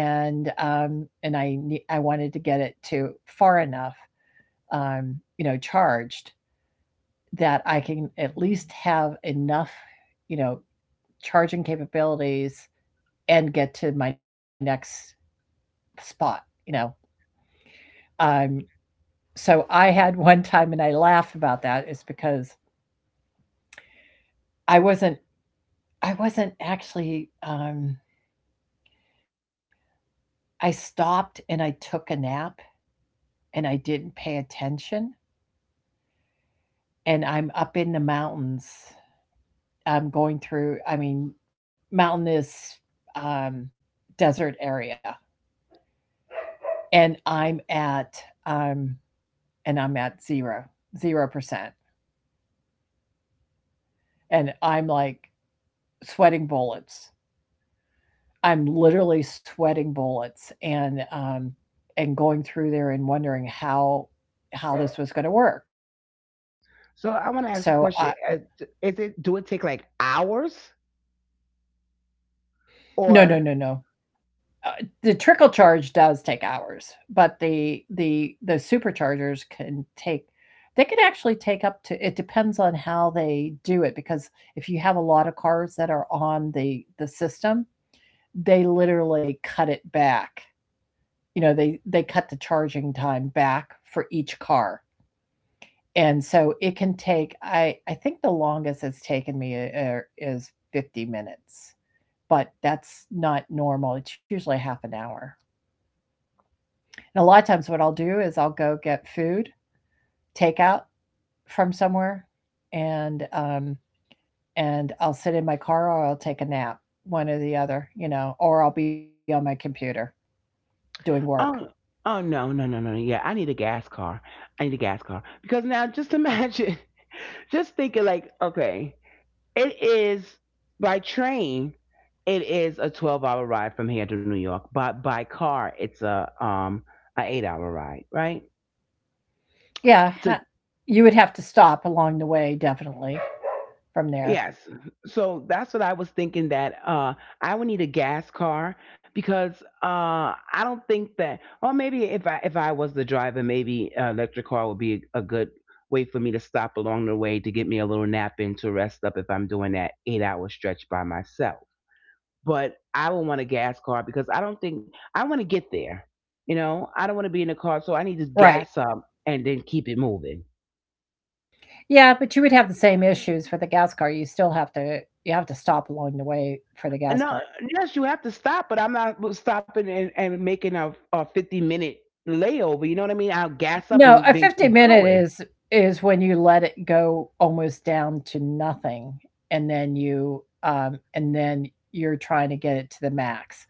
and I wanted to get it to far enough, um, you know, charged that I can at least have enough, you know, charging capabilities and get to my next spot, you know. Um, so I had one time, and I laugh about that, is because I wasn't I wasn't actually, I stopped and I took a nap and I didn't pay attention, and I'm up in the mountains. I'm going through I mean, mountainous, um, desert area, and um and I'm at zero, 0 percent and I'm, like, sweating bullets. I'm literally sweating bullets and going through there and wondering how this was gonna work. So I want to ask a So, question: I Is it do it take like hours No, no, no, or? no. Uh, the trickle charge does take hours, but the superchargers can take they can actually take up to it depends on how they do it because if you have a lot of cars that are on the system, they literally cut it back. You know, they cut the charging time back for each car. And so it can take I think the longest it's taken me is 50 minutes, but that's not normal. It's usually half an hour. And a lot of times, what I'll do is I'll go get food, takeout from somewhere, and um, and I'll sit in my car or I'll take a nap, one or the other, you know, or I'll be on my computer doing work. Oh, oh no, no, no, no. Yeah, I need a gas car. I need a gas car because now just imagine, [laughs] just thinking like, okay, it is by train, it is a 12-hour ride from here to New York, but by car, it's a eight-hour ride, right? Yeah, So, you would have to stop along the way, definitely from there. yes. So that's what I was thinking that I would need a gas car because I don't think that, or maybe if I was the driver, maybe an electric car would be a good way for me to stop along the way to get me a little nap in to rest up if I'm doing that 8-hour stretch by myself. But I would want a gas car because I don't think I want to get there. You know, I don't want to be in a car so I need to Right. gas up and then keep it moving. Yeah, but you would have the same issues for the gas car. You still have to you have to stop along the way for the gas No, car. yes, you have to stop, but I'm not stopping and making a 50-minute layover. You know what I mean? I'll gas up No, and a then 50 keep minute going. is when you let it go almost down to nothing, and then you and then you're trying to get it to the max.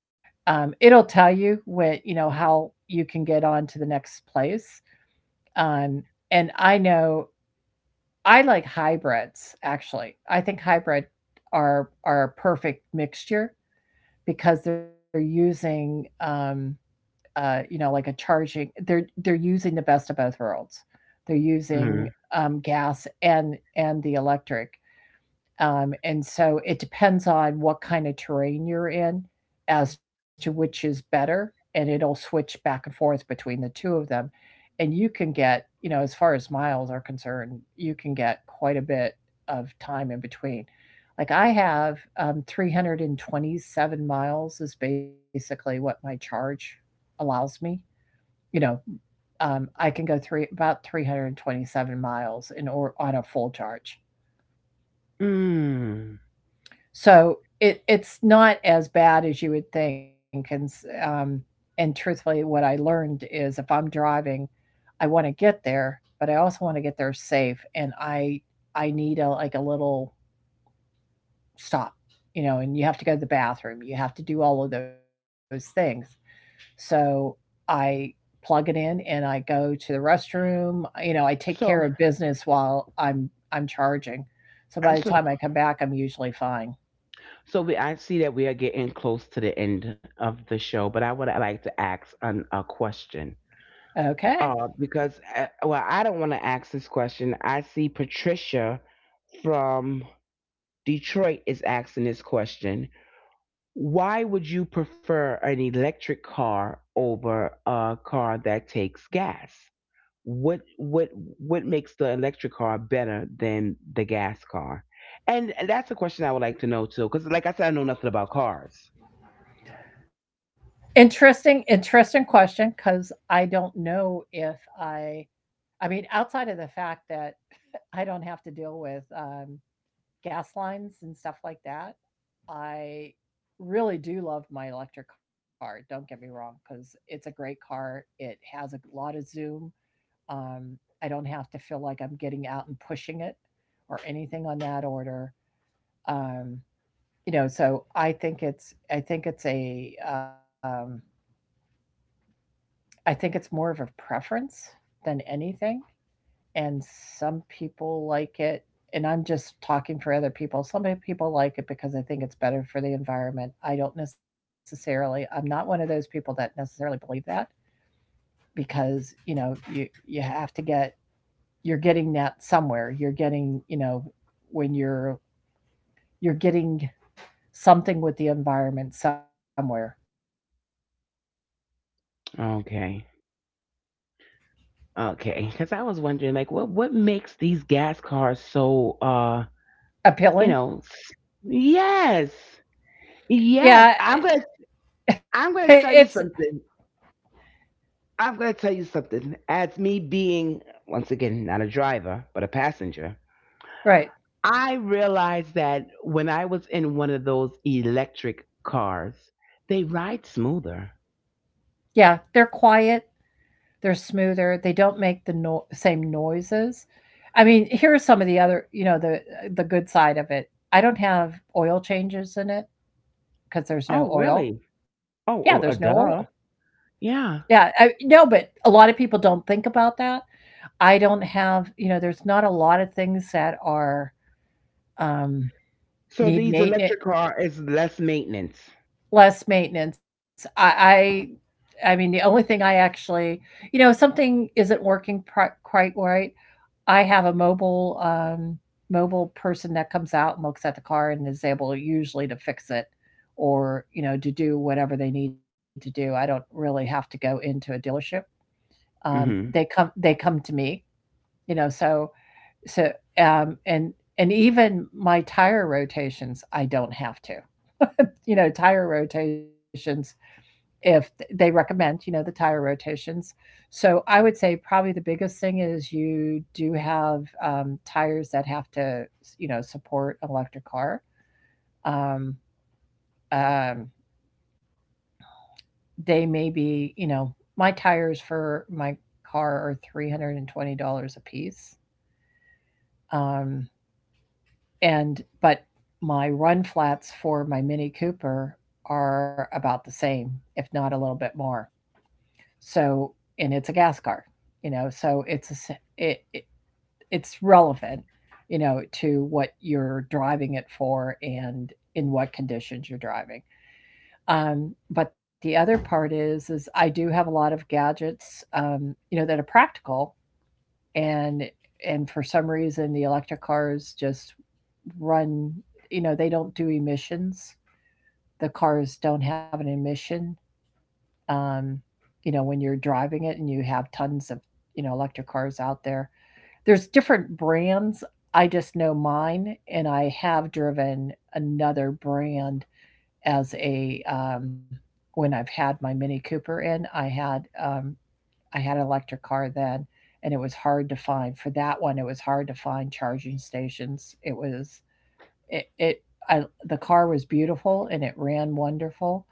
It'll tell you when you know, how you can get on to the next place, um, and I know I like hybrids, actually. I think hybrid are a perfect mixture because they're using, you know, like a charging they're using the best of both worlds. They're using, Mm. Gas and the electric and so it depends on what kind of terrain you're in as to which is better, and it'll switch back and forth between the two of them. And you can get, you know, as far as miles are concerned, you can get quite a bit of time in between. Like I have 327 miles is basically what my charge allows me. You know, I can go three about 327 miles in or on a full charge. Mm. So it it's not as bad as you would think, and and truthfully, what I learned is if I'm driving, I want to get there, but I also want to get there safe, and I need a like a little stop, you know, and you have to go to the bathroom, you have to do all of those things. So I plug it in and I go to the restroom. You know, I take So, care of business while I'm charging. So by and the so, time I come back, I'm usually fine. I see that we are getting close to the end of the show, but I would like to ask a question. Okay. Well, I don't want to ask this question. I see Patricia from Detroit is asking this question. Why would you prefer an electric car over a car that takes gas? What what makes the electric car better than the gas car? And that's a question I would like to know too, because like I said, I know nothing about cars. Interesting, interesting question because I don't know if I, I mean, outside of the fact that [laughs] I don't have to deal with gas lines and stuff like that, I really do love my electric car. Don't get me wrong, because it's a great car. It has a lot of zoom. Um, I don't have to feel like I'm getting out and pushing it or anything on that order. Um, you know, so I think it's I think it's more of a preference than anything. And some people like it, and I'm just talking for other people. Some people like it because I think it's better for the environment. I don't necessarily, I'm not one of those people that necessarily believe that because, you know, you have to get, you're getting that somewhere. You're getting, you know, when you're getting something with the environment somewhere. Okay. Okay, because I was wondering, like, what makes these gas cars so, you Appealing? know, yes, yes. Yeah. [laughs] I'm gonna It's tell you something. I'm going to tell you something. As me being, once again, not a driver, but a passenger, right. I realized that when I was in one of those electric cars, they ride smoother. Yeah. They're quiet. They're smoother, they don't make the no same noises. I mean, here are some of the other you know, the good side of it. I don't have oil changes in it because there's Oh, no oil. really? Yeah, there's no Oh, oh, oil. duh. Yeah, Yeah. I no, but a lot of people don't think about that. I don't have you know, there's not a lot of things that are, um, So need these maintenance, electric car is less maintenance. less maintenance. I mean, the only thing I actually you know, if something isn't working pri quite right, I have a mobile person that comes out and looks at the car and is able usually to fix it or, you know, to do whatever they need to do. I don't really have to go into a dealership. They Mm-hmm. come they come to me, you know, so um and and even my tire rotations, I don't have to. You know, tire rotations if they recommend, you know, the tire rotations. So I would say probably the biggest thing is you do have tires that have to, you know, support an electric car. Um, um, they may be, you know, my tires for my car are $320 a piece, um, and but my run flats for my Mini Cooper are about the same, if not a little bit more. So, and it's a gas car, you know, so it's a, s- it it's relevant, you know, to what you're driving it for and in what conditions you're driving. But the other part is I do have a lot of gadgets, you know, that are practical and and for some reason the electric cars just run you know they don't do emissions the cars don't have an emission um, you know, when you're driving it and you have tons of, you know, electric cars out there. There's different brands. I just know mine, and I have driven another brand as a when I've had my Mini Cooper in. Um, I had an electric car then, and it was hard to find for that one. It was hard to find charging stations. It was it, it I, the car was beautiful and it ran wonderful.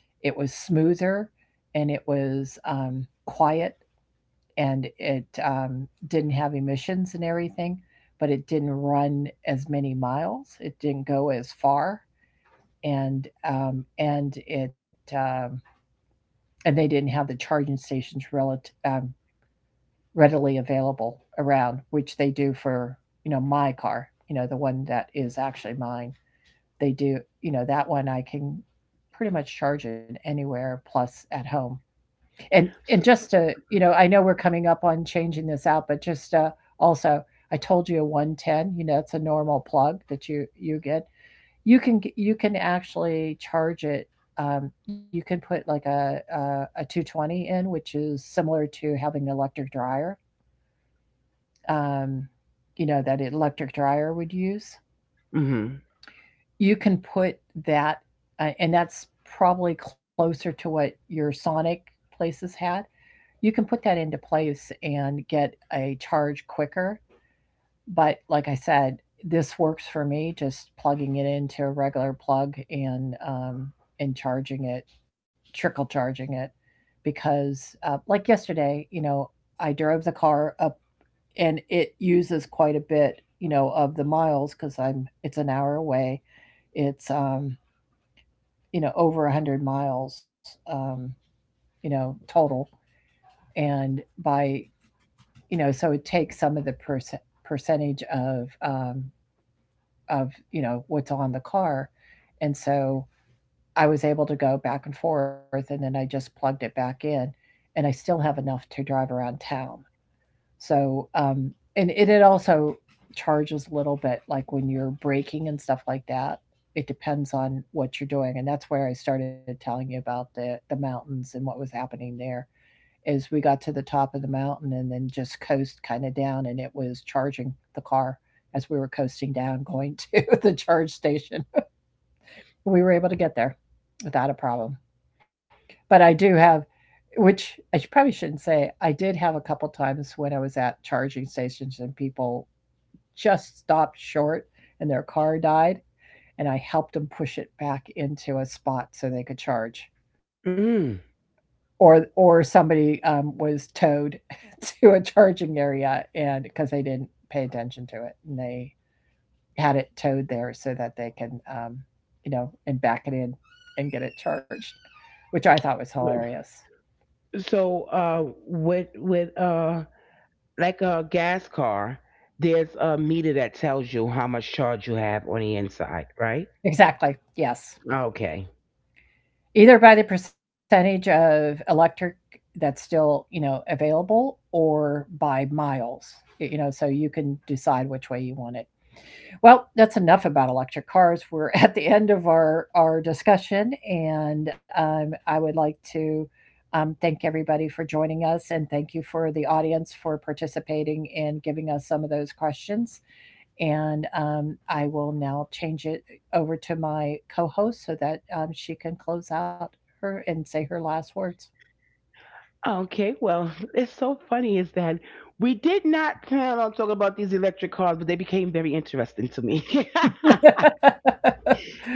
It was smoother and it was quiet and it didn't have emissions and everything, but it didn't run as many miles. It didn't go as far, and it and they didn't have the charging stations relative readily available around, which they do for you know my car, you know the one that is actually mine. They do you know that one I can pretty much charge it anywhere plus at home and So, just to you know I know we're coming up on changing this out but just also I told you a 110 you know it's a normal plug that you get you can actually charge it you can put like a 220 in which is similar to having an electric dryer, um, you know that electric dryer would use hmm. you can put that and that's probably closer to what your sonic places had. You can put that into place and get a charge quicker. But like I said, this works for me just plugging it into a regular plug and charging it, trickle charging it, because like yesterday, you know, I drove the car up and it uses quite a bit, you know, of the miles because I'm it's an hour away, it's you know over 100 miles, um, you know, total and by you know, so it takes some of the percentage of you know what's on the car, and so I was able to go back and forth, and then I just plugged it back in, and I still have enough to drive around town. So and it also charges a little bit, like when you're braking and stuff like that. It depends on what you're doing, and that's where I started telling you about the mountains and what was happening there is we got to the top of the mountain and then just coast kind of down and it was charging the car as we were coasting down going to [laughs] the charge station. We were able to get there without a problem. But I do have which I probably shouldn't say I did have a couple times when I was at charging stations and people just stopped short and their car died and I helped them push it back into a spot so they could charge. Mm. Or somebody, was towed [laughs] to a charging area and because they didn't pay attention to it, and they had it towed there so that they can, you know, and back it in and get it charged, which I thought was Yeah. hilarious. So with like a gas car, there's a meter that tells you how much charge you have on the inside, right? Exactly, yes. Okay. Either by the percentage of electric that's still, you know, available or by miles, y you know, so you can decide which way you want it. Well, that's enough about electric cars. We're [laughs] at the end of our discussion, and I would like to thank everybody for joining us and thank you for the audience for participating and giving us some of those questions. And I will now change it over to my co host so that she can close out her and say her last words. Okay. Well, it's so funny is that we did not plan on talking about these electric cars, but they became very interesting to me. [laughs] [laughs]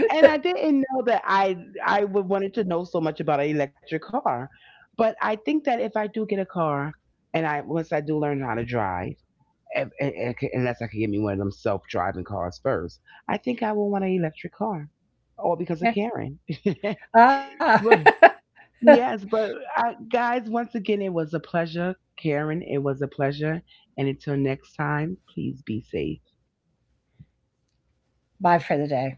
And I didn't know that I would wanted to know so much about an electric car. But I think that if I do get a car, and I once I do learn how to drive, if- unless I can get me one of them self driving cars first, I think I will want an electric car. All because of Yeah. Karen. Ah. [laughs] [laughs] Yes, but I, guys, once again, it was a pleasure. Karen, it was a pleasure. And until next time, please be safe. Bye for the day.